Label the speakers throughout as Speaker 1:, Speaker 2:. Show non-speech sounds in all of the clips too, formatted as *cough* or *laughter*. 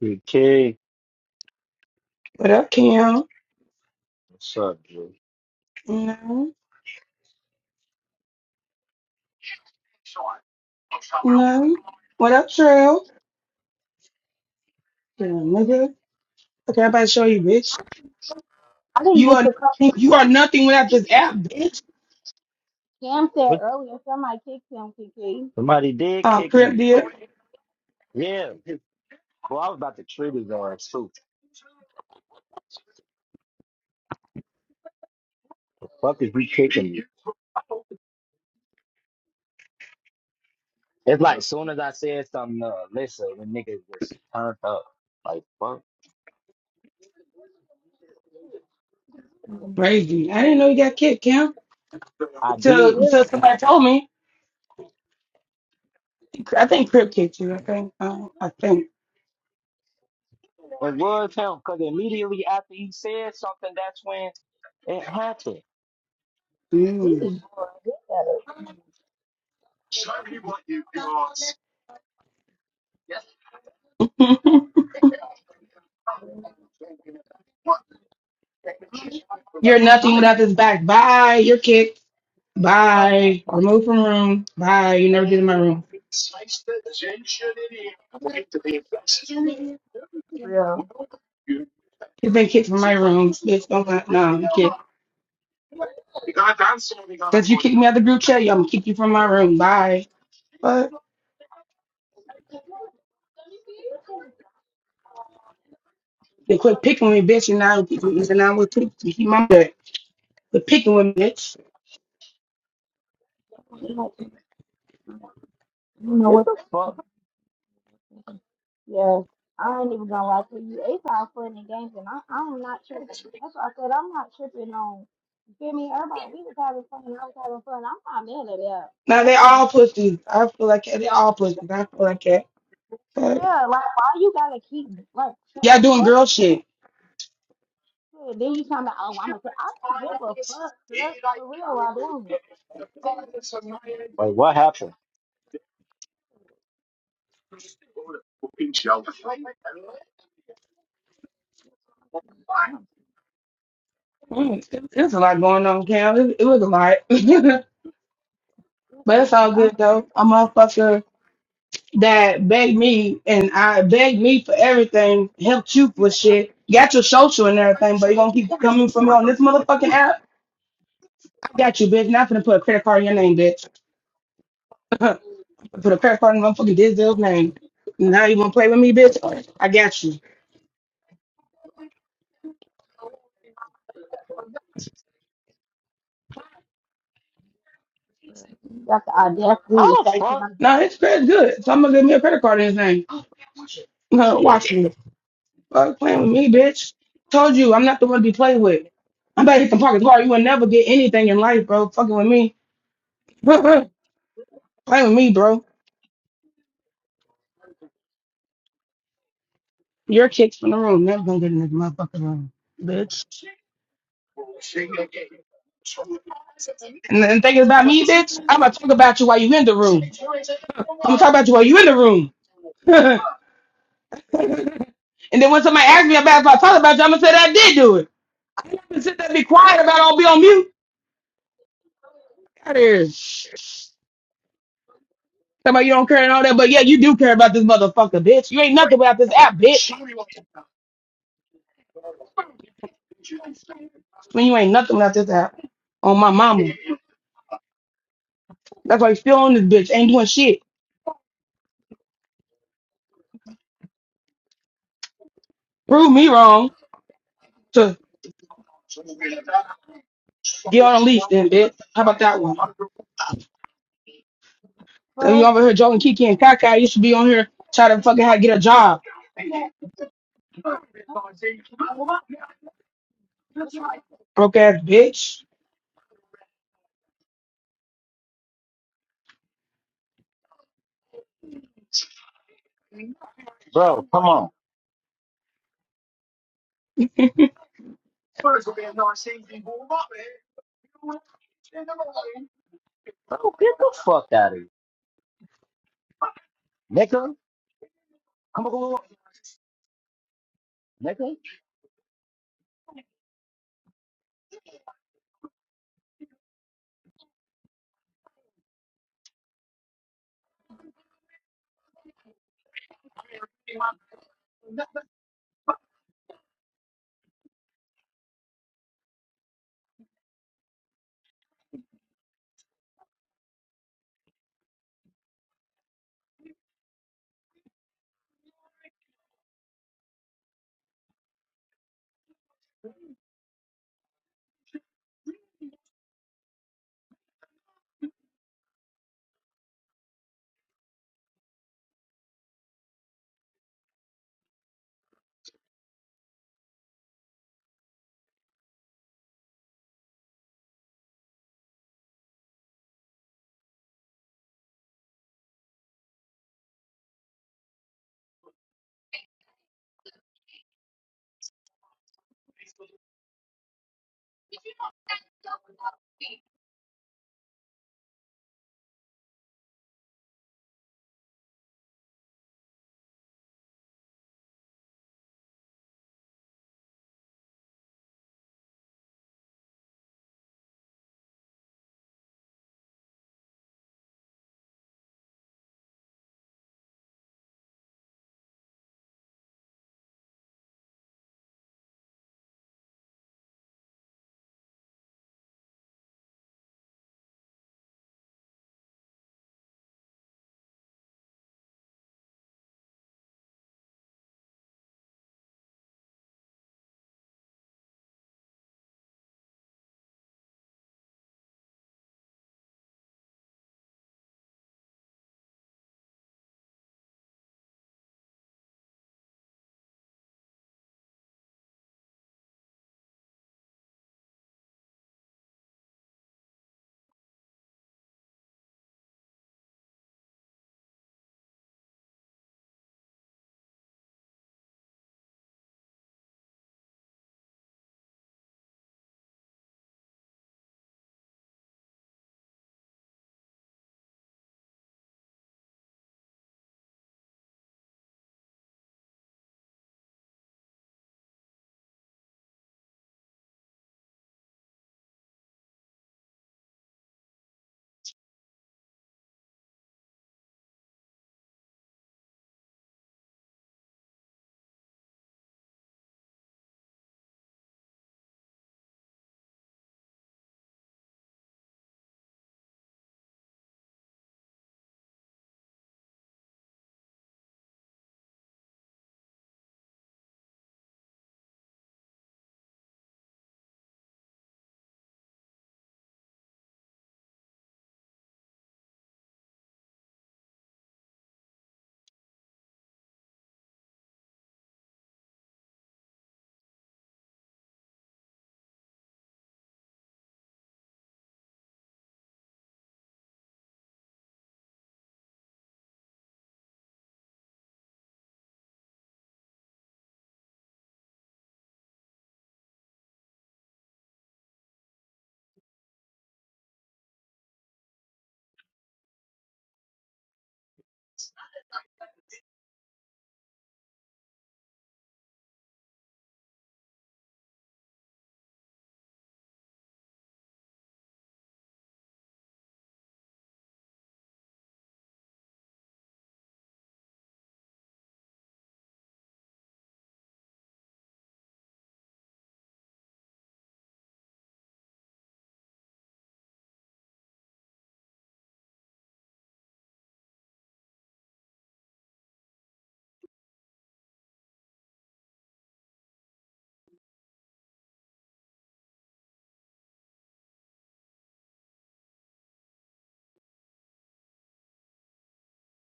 Speaker 1: Big K,
Speaker 2: What up, Cam?
Speaker 1: what's up, dude?
Speaker 2: No, no. What up, Trill? Yeah, nigga. Okay, I'm about to show you, bitch.
Speaker 3: I didn't
Speaker 2: You
Speaker 3: get
Speaker 2: are
Speaker 3: to come.
Speaker 2: nothing, you are nothing without this app, bitch.
Speaker 3: Cam said
Speaker 1: What?
Speaker 3: earlier somebody kicked him, Kiki.
Speaker 1: Somebody did
Speaker 2: Oh,
Speaker 1: kick
Speaker 2: Crip
Speaker 1: me.
Speaker 2: did.
Speaker 1: Yeah, bro, I was about to trigger his ass too. Fuck is you kicking me? It's like soon as I said something, uh, listen, the niggas just turned up. Like fuck,
Speaker 2: Crazy. I didn't know you got kicked, Cam.
Speaker 1: I
Speaker 2: Until
Speaker 1: did.
Speaker 3: Yeah,
Speaker 2: until somebody told me. I think Crip kicked you. I think. Um, I think.
Speaker 1: It was him because immediately after he said something, that's when it happened.
Speaker 3: he
Speaker 2: Mm.
Speaker 3: be.
Speaker 2: *laughs* You're
Speaker 3: I,
Speaker 2: nothing
Speaker 3: I'm
Speaker 2: without this back. Bye. You're kicked.
Speaker 3: fucked up,
Speaker 2: Bye. Or move from room. Bye. You never get in my room.
Speaker 3: real.
Speaker 2: You've been kicked from my room. Bitch, don't lie. No, you kicked. Since you kicked me out the group chat, yeah, I'm gonna kick you from my room. Bye. But they quit picking with me, bitch, and now pick me, and now we're picking to keep my butt. But picking with me, bitch.
Speaker 3: You know
Speaker 1: What
Speaker 3: what.
Speaker 1: the fuck?
Speaker 3: Yeah, I ain't even gonna lie to you. It's all fun and games, and I, I'm not tripping. That's why I said I'm not tripping on. You feel me? Everybody, we was having fun, and I was having fun. I'm not mad at that.
Speaker 2: Now they
Speaker 3: Nothing.
Speaker 2: all pussies. I feel like that. They all pussies. I feel like that. But
Speaker 3: Yeah, like why you gotta keep like shut
Speaker 2: y'all
Speaker 3: the
Speaker 2: doing
Speaker 3: fuck.
Speaker 2: girl shit.
Speaker 3: up. Then you talking about oh I'm gonna say I don't give a fuck, Chris. For real, I don't.
Speaker 1: Like what happened?
Speaker 2: Mm, it- There's a lot going on, Cam. It, it was a lot. *laughs* but it's all
Speaker 3: I'm
Speaker 2: good though. A motherfucker that begged me and I begged me for everything, helped you for shit, got your social and everything, but you gonna keep coming for me on this motherfucking app. I got you, bitch. Not finna put a credit card in your name, bitch. *laughs* put a credit card in motherfucking Dizdale's name. Now you wanna play with me, bitch? I got you.
Speaker 3: I I definitely the audacity to
Speaker 1: How the
Speaker 3: thank him.
Speaker 1: fuck,
Speaker 3: I'm
Speaker 2: No,
Speaker 3: very
Speaker 2: his credit's good. So I'm gonna give me a credit card in his name. *laughs* Uh, watch me. Fuck playing with
Speaker 3: grateful
Speaker 2: me, bitch. Told you, I'm not the one to be played with. I'm about to hit the pocket hard. You will never get anything in life, bro. Fucking with me. *laughs*
Speaker 3: for him
Speaker 2: playing
Speaker 3: as
Speaker 2: with me, bro. Your kicks from the room. Never gonna get in this motherfucking room, bitch. And then thinking about me, bitch, I'm gonna talk about you while you in the room. I'm gonna talk about you while you in the room. *laughs* And then when somebody asks me about if I talked about you, I'm gonna say that I did do it. I'm gonna sit there and be quiet about it, I'll be on mute. Out of here. Somebody you don't care and all that, but yeah, you do care about this motherfucker, bitch. You ain't nothing without this app, bitch. When you ain't nothing without this app. On my mama. That's why you still on this bitch. Ain't doing shit. Prove me wrong to get on a leash then, bitch. How about that one? So you over here joking Kiki and Kaka, you should be on here trying to fucking how to get a job. Broke ass bitch.
Speaker 1: bro? Come on, bro, get the fuck out of here, nigga.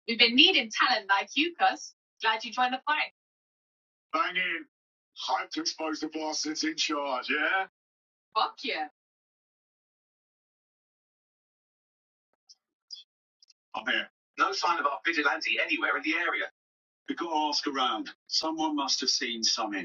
Speaker 1: We've been needing talent like you, cuz. Glad you joined the fight. Fuck yeah.